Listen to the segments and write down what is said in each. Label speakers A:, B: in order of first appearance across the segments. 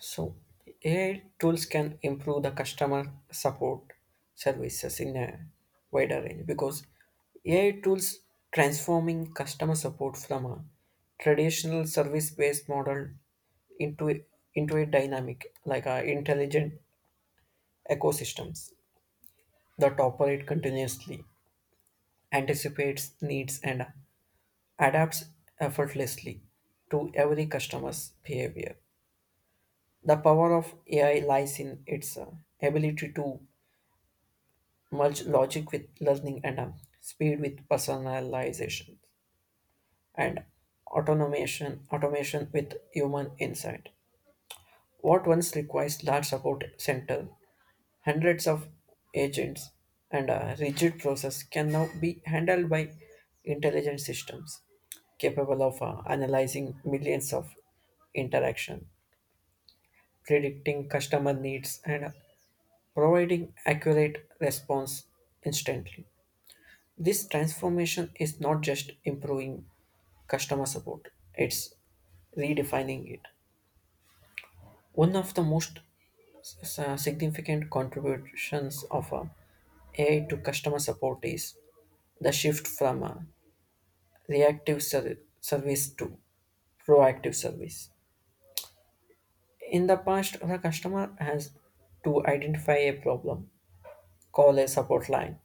A: So AI tools can improve the customer support services in a wider range because AI tools transforming customer support from a traditional service-based model into a, into a dynamic like a intelligent ecosystems that operate continuously, anticipates needs and adapts effortlessly to every customer's behavior. The power of AI lies in its ability to merge logic with learning and speed with personalization and automation with human insight what once requires large support center hundreds of agents and a rigid process can now be handled by intelligent systems capable of analyzing millions of interaction predicting customer needs and providing accurate response instantly. This transformation is not just improving customer support, it's redefining it. One of the most significant contributions of AI to customer support is the shift from reactive service to proactive service. In the past, the customer has to identify a problem, call a support line,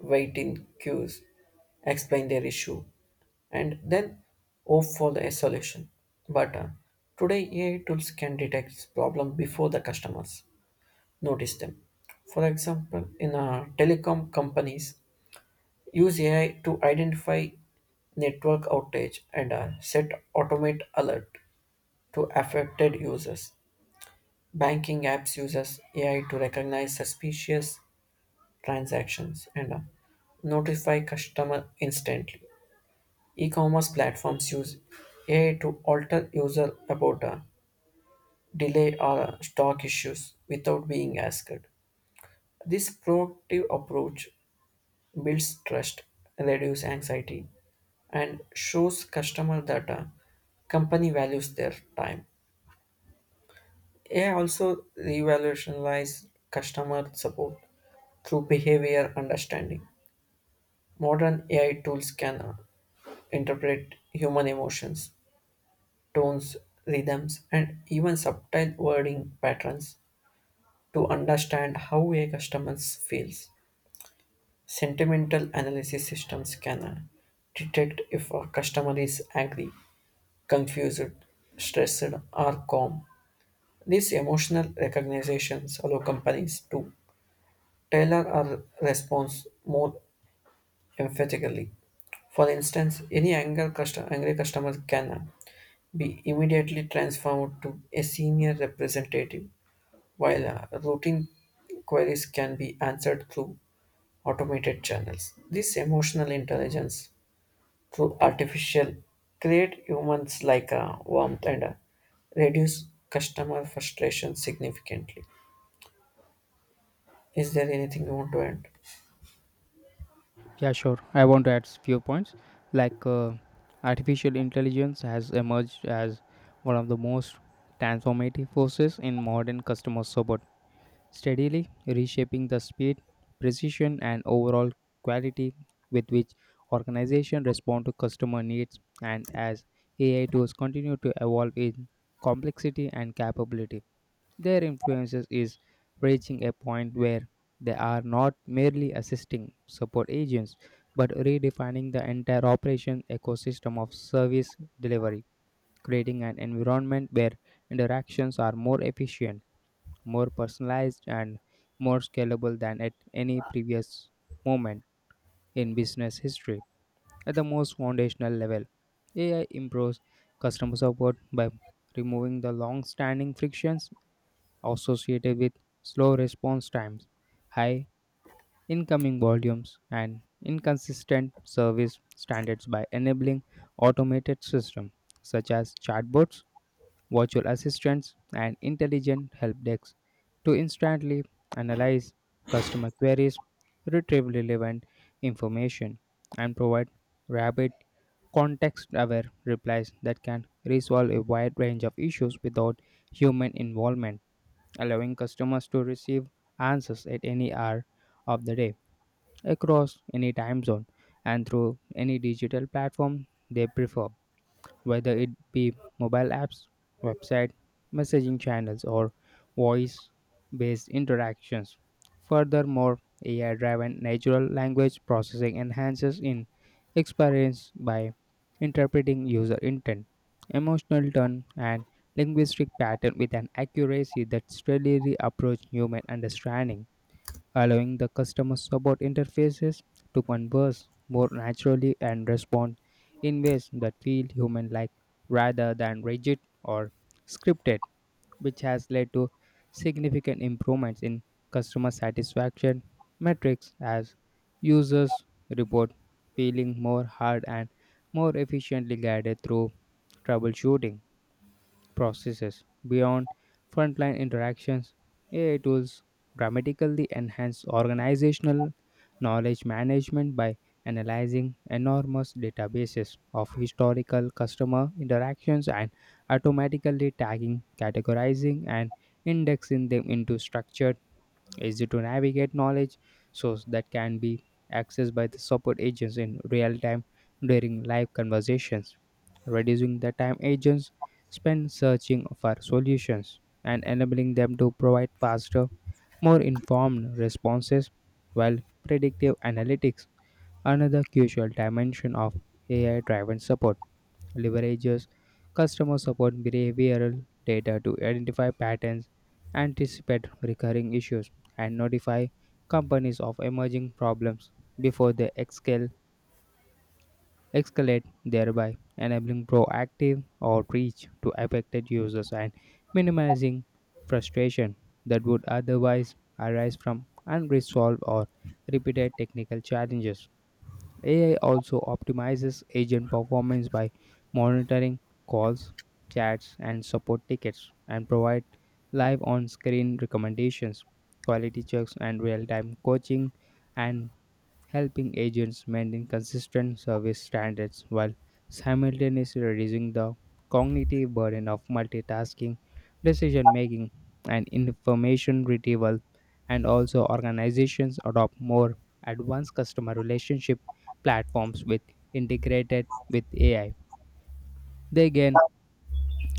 A: wait in queues, explain their issue, and then hope for the solution. But today, AI tools can detect problems before the customers notice them. For example, in telecom companies, use AI to identify network outage and set automate alert to affected users. Banking apps uses AI to recognize suspicious transactions and notify customer instantly. E-commerce platforms use AI to alter user about delay or stock issues without being asked. This proactive approach builds trust, reduces anxiety, and shows customer that a company values their time. AI also revolutionizes customer support through behavior understanding. Modern AI tools can interpret human emotions tones, rhythms, and even subtle wording patterns to understand how a customer feels. Sentimental analysis systems can detect if a customer is angry, confused, stressed, or calm. These emotional recognitions allow companies to tailor a response more emphatically. For instance, any angry customer can be immediately transformed to a senior representative while routine queries can be answered through automated channels. This emotional intelligence through artificial create humans like warmth and reduce customer frustration significantly. Is there anything you want to add?
B: Yeah, sure. I want to add few points. Like uh, Artificial intelligence has emerged as one of the most transformative forces in modern customer support, steadily reshaping the speed, precision, and overall quality with which organizations respond to customer needs. And as AI tools continue to evolve in complexity and capability, their influences is reaching a point where they are not merely assisting support agents but redefining the entire operation ecosystem of service delivery, creating an environment where interactions are more efficient, more personalized, and more scalable than at any previous moment in business history. At the most foundational level, AI improves customer support by removing the long standing frictions associated with slow response times, high incoming volumes, and inconsistent service standards by enabling automated systems such as chatbots, virtual assistants, and intelligent help desks to instantly analyze customer queries, retrieve relevant information, and provide rapid context aware replies that can resolve a wide range of issues without human involvement allowing customers to receive answers at any hour of the day, across any time zone, and through any digital platform they prefer whether it be mobile apps, website, messaging channels, or voice based interactions. Furthermore, AI driven natural language processing enhances in experience by interpreting user intent, emotional tone, and linguistic pattern with an accuracy that steadily approaches human understanding allowing the customer support interfaces to converse more naturally and respond in ways that feel human like rather than rigid or scripted, which has led to significant improvements in customer satisfaction metrics as users report feeling more hard and more efficiently guided through troubleshooting processes beyond frontline interactions. AI tools dramatically enhance organizational knowledge management by analyzing enormous databases of historical customer interactions and automatically tagging, categorizing, and indexing them into structured easy to navigate knowledge source that can be accessed by the support agents in real time during live conversations, reducing the time agents spend searching for solutions and enabling them to provide faster, more informed responses while predictive analytics, another crucial dimension of AI driven support leverages customer support behavioral data to identify patterns, anticipate recurring issues, and notify companies of emerging problems before they escalate, thereby enabling proactive outreach to affected users and minimizing frustration that would otherwise arise from unresolved or repeated technical challenges. AI also optimizes agent performance by monitoring calls, chats, and support tickets and provide live on-screen recommendations, quality checks, and real-time coaching and helping agents maintain consistent service standards while simultaneously reducing the cognitive burden of multitasking, decision making, and information retrieval. And also, organizations adopt more advanced customer relationship platforms with integrated with AI. They gain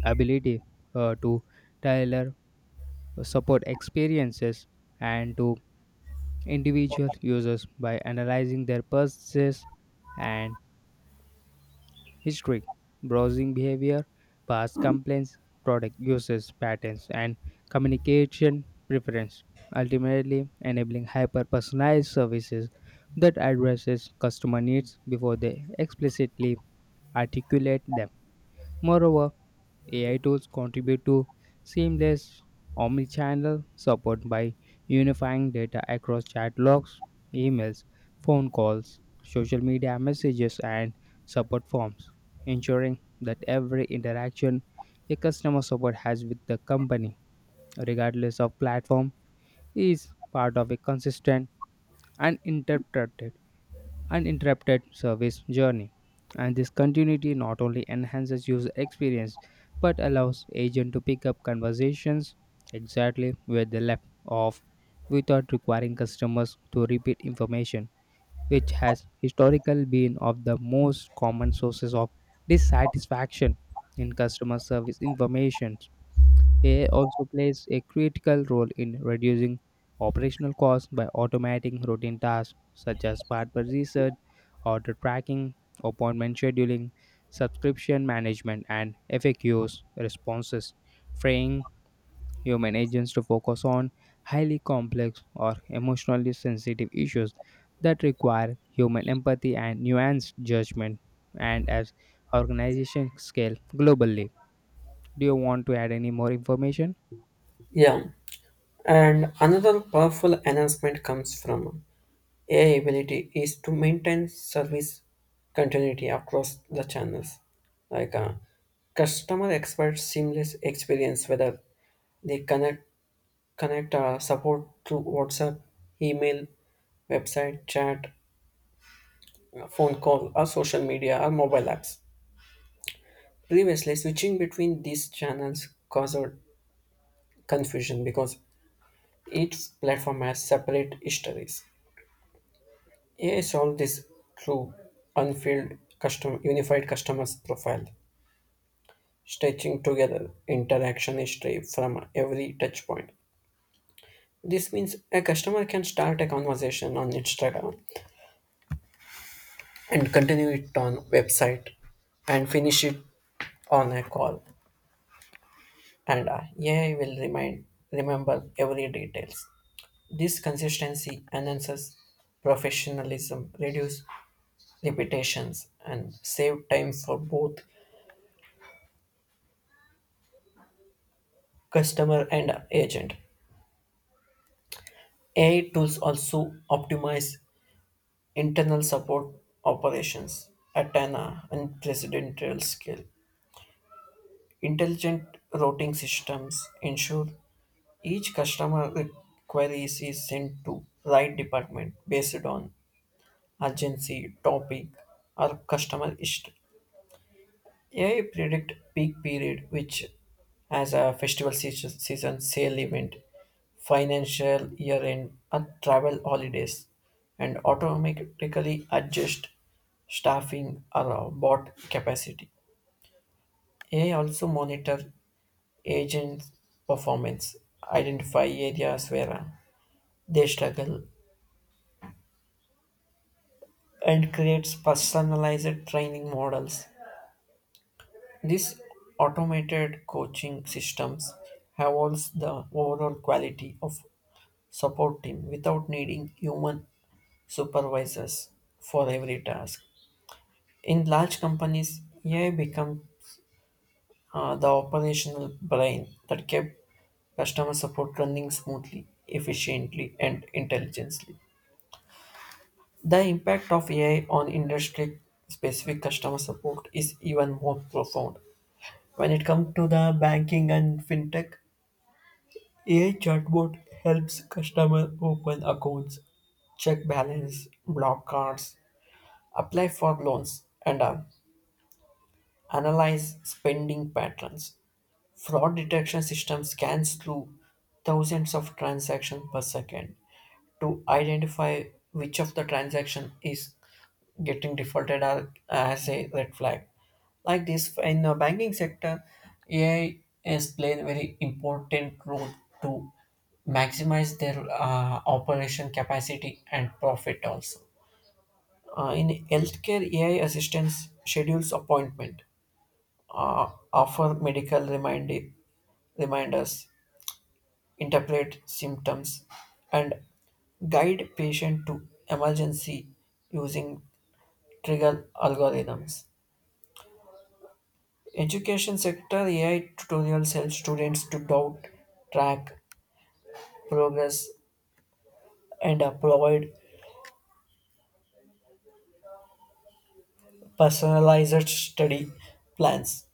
B: ability to tailor support experiences and to individual users by analyzing their purchases and history, browsing behavior, past complaints, product uses, patterns, and communication preference, ultimately enabling hyper-personalized services that addresses customer needs before they explicitly articulate them. Moreover, AI tools contribute to seamless omnichannel support by unifying data across chat logs, emails, phone calls, social media messages, and support forms, ensuring that every interaction a customer support has with the company, regardless of platform, is part of a consistent and uninterrupted service journey. And this continuity not only enhances user experience but allows agent to pick up conversations exactly where they left off without requiring customers to repeat information, which has historically been of the most common sources of dissatisfaction in customer service information. AI also plays a critical role in reducing operational costs by automating routine tasks such as barber research, order tracking, appointment scheduling, subscription management, and FAQs responses, freeing human agents to focus on highly complex or emotionally sensitive issues that require human empathy and nuanced judgment. And as organizations scale globally, do you want to add any more information?
A: Yeah, and another powerful enhancement comes from AI ability is to maintain service continuity across the channels, like uh, customer expert seamless experience whether they connect support through WhatsApp, email, website, chat, phone call, or social media or mobile apps. Previously, switching between these channels caused confusion because each platform has separate histories. AI solved this through unfilled custom unified customers profile, stitching together interaction history from every touch point. This means a customer can start a conversation on Instagram and continue it on website and finish it on a call and AI will remind remember every details. This consistency enhances professionalism, reduce repetitions and save time for both customer and agent. AI tools also optimize internal support operations at an unprecedented scale. Intelligent routing systems ensure each queries is sent to right department based on urgency, topic, or customer history. AI predict peak period, which as a festival season, season sale event, financial year end, or travel holidays, and automatically adjust staffing or bot capacity. AI also monitor agent performance, identify areas where they struggle, and creates personalized training models. These automated coaching systems have also the overall quality of support team without needing human supervisors for every task. In large companies, AI become the operational brain that kept customer support running smoothly, efficiently, and intelligently. The impact of AI on industry specific customer support is even more profound. When it comes to the banking and fintech, AI chatbot helps customer open accounts, check balance, block cards, apply for loans, and analyze spending patterns. Fraud detection system scans through thousands of transactions per second, to identify which of the transaction is getting defaulted are- as a red flag. Like this, in the banking sector, AI is playing a very important role to maximize their operation capacity and profit also. In healthcare, AI assistance schedules appointment, offer medical reminders, interpret symptoms, and guide patient to emergency using trigger algorithms. Education sector AI tutorials help students to doubt, track progress, and provide personalized study plans.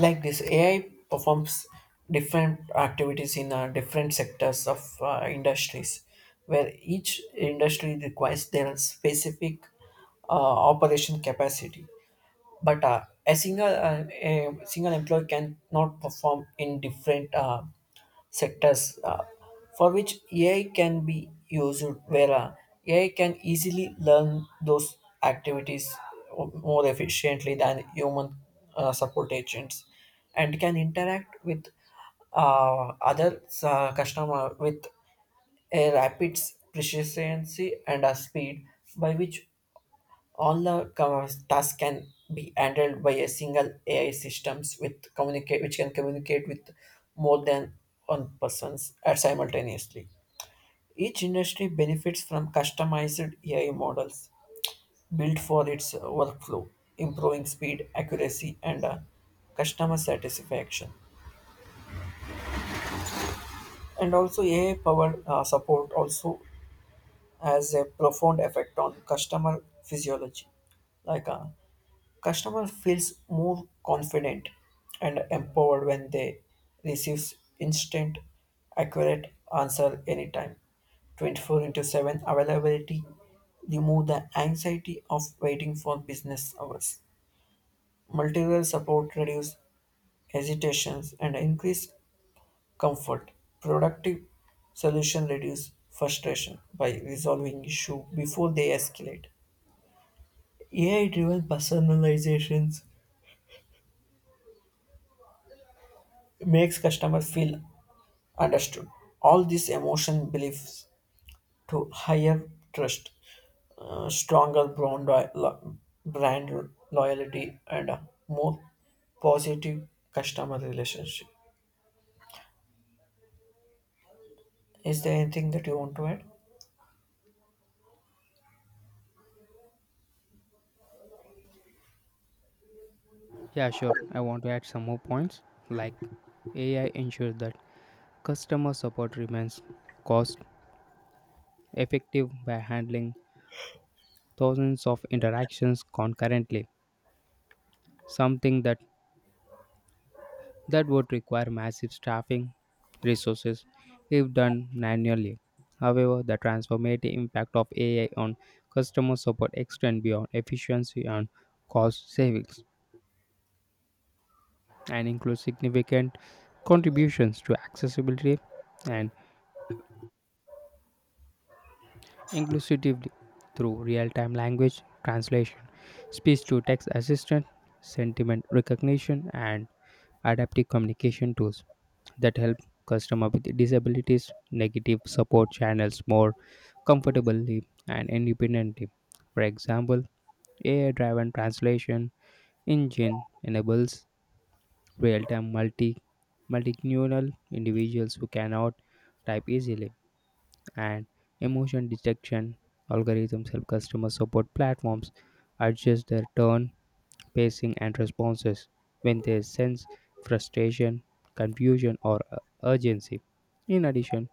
A: Like this, AI performs different activities in different sectors of industries, where each industry requires their specific uh, operation capacity. But a single employee cannot perform in different sectors for which AI can be used where AI can easily learn those activities more efficiently than human support agents and can interact with other customer with a rapid proficiency and a speed by which all the tasks can be handled by a single AI systems with communicate which can communicate with more than one persons at simultaneously. Each industry benefits from customized AI models built for its workflow, improving speed, accuracy, and customer satisfaction. And also, AI powered support also has a profound effect on customer physiology, like uh, customer feels more confident and empowered when they receives instant, accurate answer anytime. 24 into 7 availability remove the anxiety of waiting for business hours. Multiple support reduce hesitations and increase comfort. Productive solution reduce frustration by resolving issue before they escalate. AI-driven personalizations makes customers feel understood. All these emotion beliefs to higher trust, stronger brand, brand loyalty, and a more positive customer relationship. Is there anything that you want to add?
B: Yeah, sure. I want to add some more points like AI ensures that customer support remains cost effective by handling thousands of interactions concurrently, something that would require massive staffing resources if done manually. However, the transformative impact of AI on customer support extends beyond efficiency and cost savings and includes significant contributions to accessibility and inclusively through real time language translation, speech to text assistant, sentiment recognition, and adaptive communication tools that help customers with disabilities negative support channels more comfortably and independently. For example, AI driven translation engine enables real time multilingual individuals who cannot type easily and emotion detection algorithms help customer support platforms adjust their tone, pacing, and responses when they sense frustration, confusion, or urgency. In addition,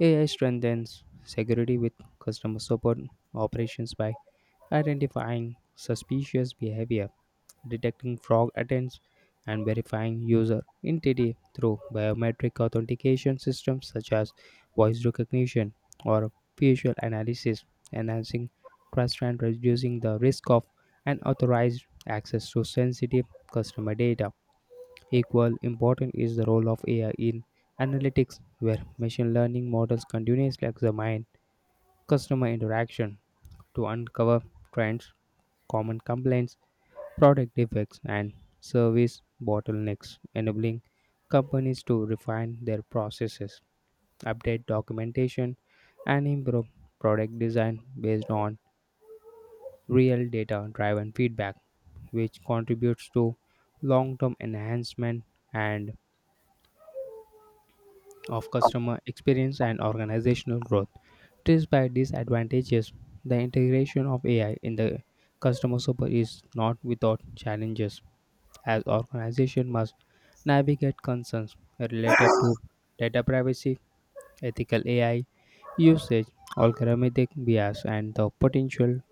B: AI strengthens security with customer support operations by identifying suspicious behavior detecting fraud attempts, and verifying user identity through biometric authentication systems such as voice recognition or facial analysis, enhancing trust and reducing the risk of unauthorized access to sensitive customer data. Equal important is the role of AI in analytics, where machine learning models continuously examine customer interaction to uncover trends, common complaints, product defects, and service bottlenecks, enabling companies to refine their processes, update documentation, and improve product design based on real data driven feedback, which contributes to long term enhancement and of customer experience and organizational growth. Despite these advantages, the integration of AI in the customer support is not without challenges, as organizations must navigate concerns related to data privacy, ethical AI usage, algorithmic bias, and the potential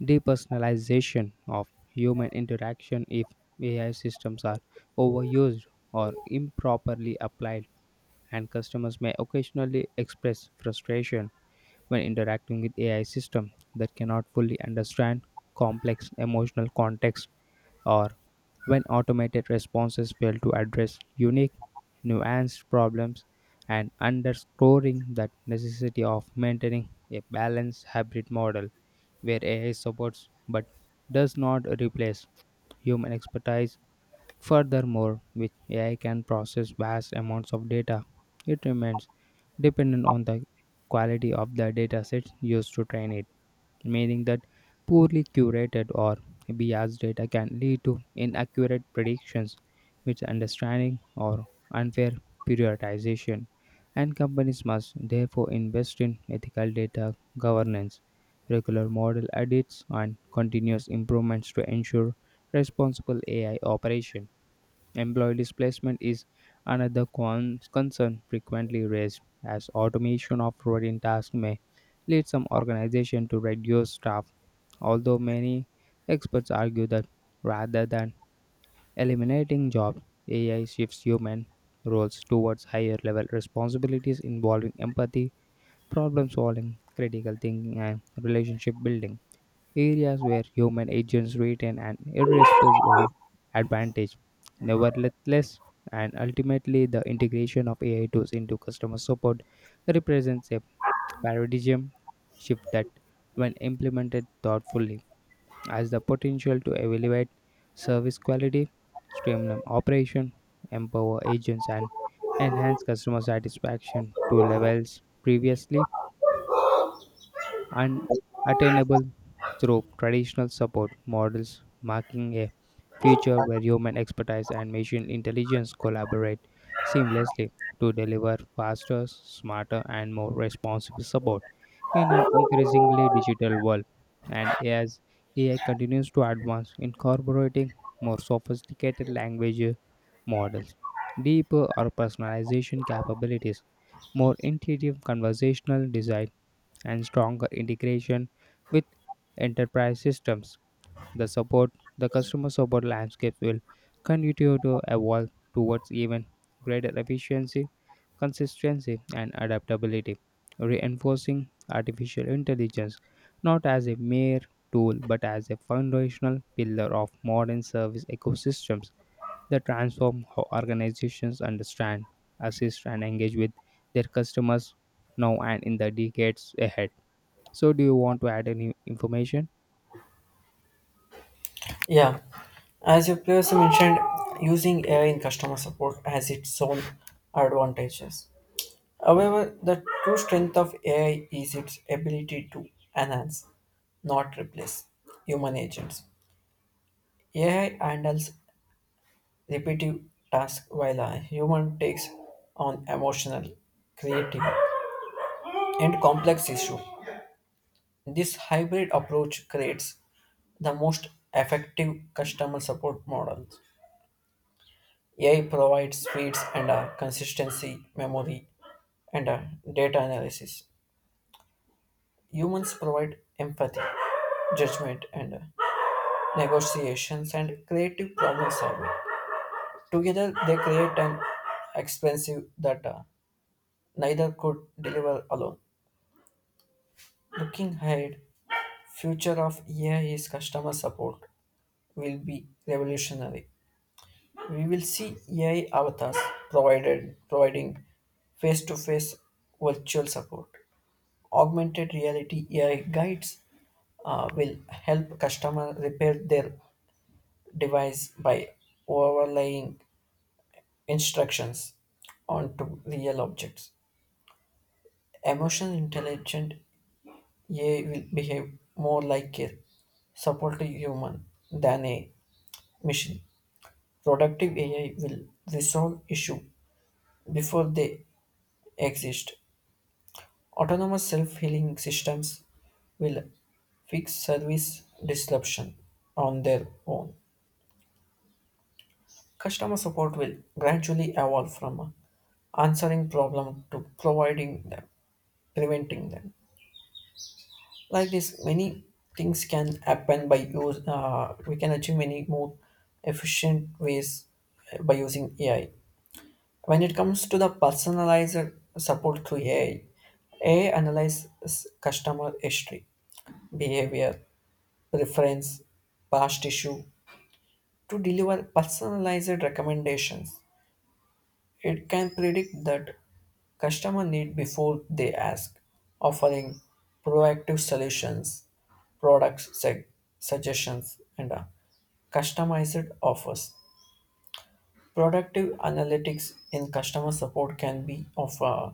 B: depersonalization of human interaction if AI systems are overused or improperly applied. And customers may occasionally express frustration when interacting with AI systems that cannot fully understand complex emotional context or when automated responses fail to address unique, nuanced problems and underscoring the necessity of maintaining a balanced hybrid model where AI supports but does not replace human expertise. Furthermore, which AI can process vast amounts of data, it remains dependent on the quality of the datasets used to train it meaning that poorly curated or biased data can lead to inaccurate predictions, misunderstanding, or unfair prioritization. And companies must therefore invest in ethical data governance, regular model edits, and continuous improvements to ensure responsible AI operation. Employee displacement is another concern frequently raised, as automation of routine tasks may lead some organizations to reduce staff, although many experts argue that rather than eliminating jobs, AI shifts human roles towards higher level responsibilities involving empathy, problem solving, critical thinking, and relationship building areas where human agents retain an irrepressible advantage. Nevertheless, and ultimately, the integration of AI tools into customer support represents a paradigm shift that, when implemented thoughtfully, has the potential to elevate service quality, streamline operation, empower agents, and enhance customer satisfaction to levels previously and attainable through traditional support models, marking a future where human expertise and machine intelligence collaborate seamlessly to deliver faster, smarter, and more responsive support in an increasingly digital world. And as AI continues to advance, incorporating more sophisticated language models, deeper or personalization capabilities, more intuitive conversational design and stronger integration with enterprise systems. The support, the customer support landscape will continue to evolve towards even greater efficiency, consistency, and adaptability, reinforcing artificial intelligence not as a mere tool but as a foundational pillar of modern service ecosystems that transform how organizations understand, assist, and engage with their customers now and in the decades ahead. So, do you want to add any information?
A: Yeah. As you previously mentioned, using AI in customer support has its own advantages. However, the true strength of AI is its ability to enhance, not replace, human agents. AI handles repetitive task while a human takes on emotional, creative, and complex issue. This hybrid approach creates the most effective customer support model. AI provides speeds and a consistency, memory, and a data analysis. Humans provide empathy, judgment, and negotiations and creative problem solving. Together, they create an expensive that neither could deliver alone. Looking ahead, future of AI is customer support will be revolutionary. We will see AI avatars provided providing face-to-face virtual support. Augmented reality AI guides will help customer repair their device by overlaying instructions onto real objects. Emotional intelligent AI will behave more like a support to human than a mission. Productive AI will resolve issue before they exist. Autonomous self-healing systems will fix service disruption on their own. Customer support will gradually evolve from answering problem to providing them, preventing them. Like this, many things can happen by use. We can achieve many more efficient ways by using AI. When it comes to the personalized support through AI, AI analyzes customer history, behavior, preference, past issue to deliver personalized recommendations. It can predict that customer need before they ask, offering proactive solutions, product seg- suggestions, and customized offers. Productive analytics in customer support can be of uh,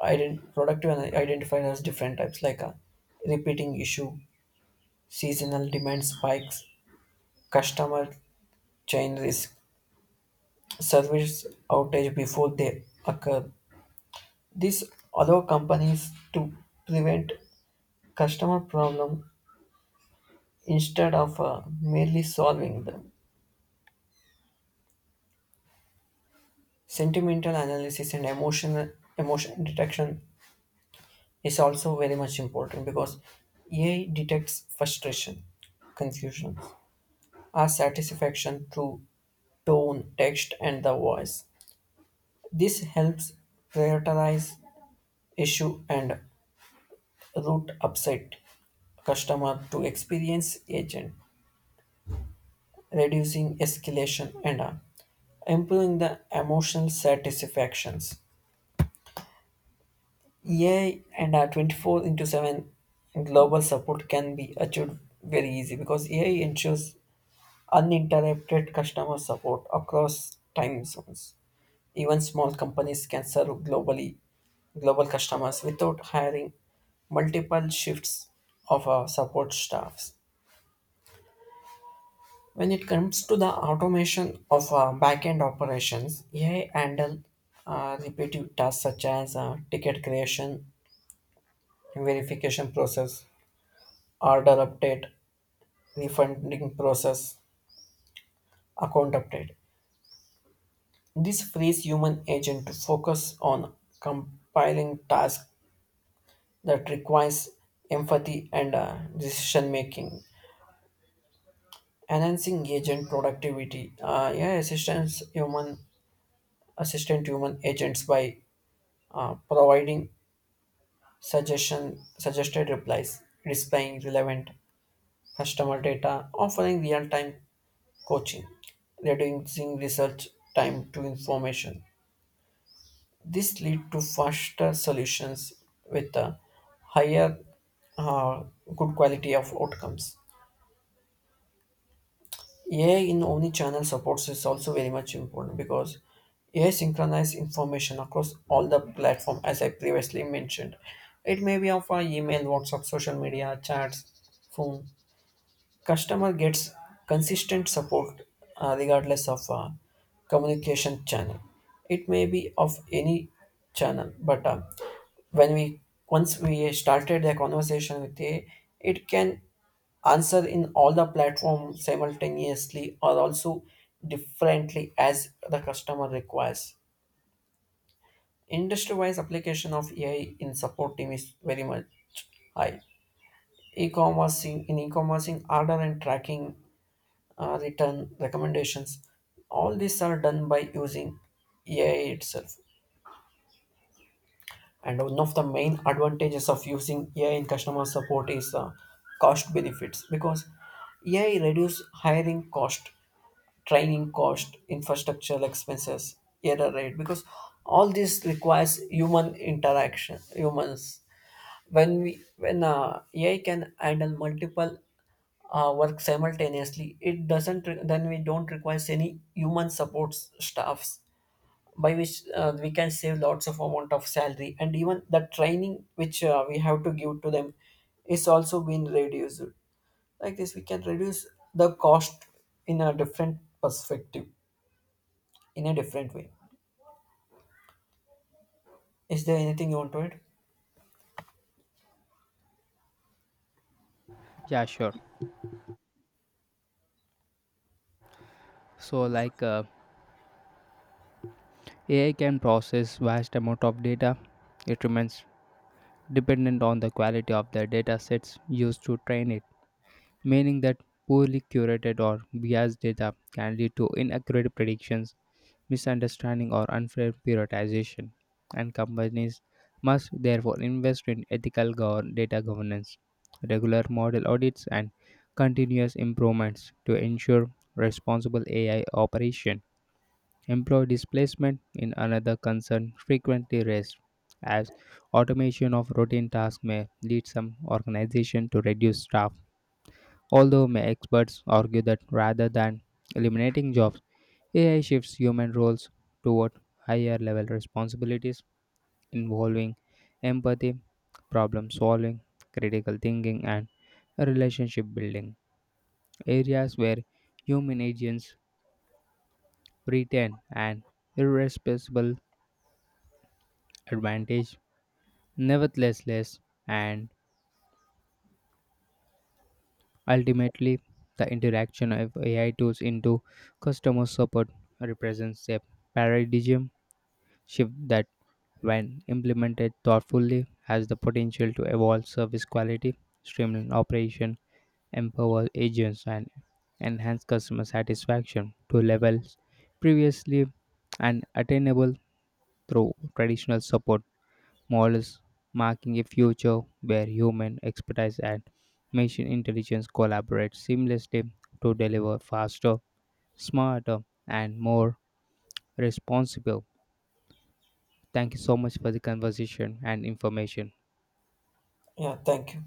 A: Ident- productive and identified as different types like a repeating issue, seasonal demand spikes, customer chain risk, service outage before they occur. This allow companies to prevent customer problem instead of merely solving them. Sentimental analysis and emotion detection is also very much important because AI detects frustration, confusion, our satisfaction through tone, text, and the voice. This helps prioritize issue and route upset customer to experience agent, reducing escalation and improving the emotional satisfactions. AI and our 24 into 7 global support can be achieved very easy because AI ensures uninterrupted customer support across time zones. Even small companies can serve globally global customers without hiring multiple shifts of support staffs. When it comes to the automation of back-end operations, AI handle repetitive tasks such as ticket creation, verification process, order update, refunding process, account update. This frees human agent to focus on compiling tasks that requires empathy and decision making enhancing agent productivity yeah assistance human assistant human agents by providing suggestion suggested replies displaying relevant customer data offering real-time coaching reducing research time to information this lead to faster solutions with a higher uh, good quality of outcomes. AI in omni-channel supports is also very much important because AI synchronizes information across all the platform as I previously mentioned. It may be of our email, WhatsApp, social media, chats, phone, customer gets consistent support regardless of communication channel it may be of any channel but when we once we started the conversation with AI, it can answer in all the platforms simultaneously or also differently as the customer requires industry wise application of AI in support team is very much high e-commerce in e-commerce in order and tracking return recommendations. All these are done by using AI itself. And one of the main advantages of using AI in customer support is cost benefits because AI reduce hiring cost, training cost, infrastructure expenses, error rate because all this requires human interaction, humans. When AI can handle multiple work simultaneously it doesn't re- then we don't require any human support staffs by which we can save lots of amount of salary and even the training which we have to give to them is also been reduced like this we can reduce the cost in a different perspective in a different way. Is there anything you want to add?
B: Yeah, sure. So, AI can process vast amount of data. It remains dependent on the quality of the data sets used to train it, meaning that poorly curated or biased data can lead to inaccurate predictions misunderstanding, or unfair prioritization, and companies must therefore invest in ethical data governance, regular model audits, and continuous improvements to ensure responsible AI operation. Employee displacement in another concern frequently raised as automation of routine tasks may lead some organization to reduce staff although may experts argue that rather than eliminating jobs AI shifts human roles toward higher level responsibilities involving empathy, problem solving, critical thinking, and relationship building, areas where human agents retain an irrepressible advantage. Nevertheless, less and ultimately, the interaction of AI tools into customer support represents a paradigm shift that when implemented thoughtfully, has the potential to evolve service quality, streamline operation, empower agents, and enhance customer satisfaction to levels previously unattainable through traditional support models, marking a future where human expertise and machine intelligence collaborate seamlessly to deliver faster, smarter, and more responsible. Thank you so much for the conversation and information.
A: Yeah, thank you.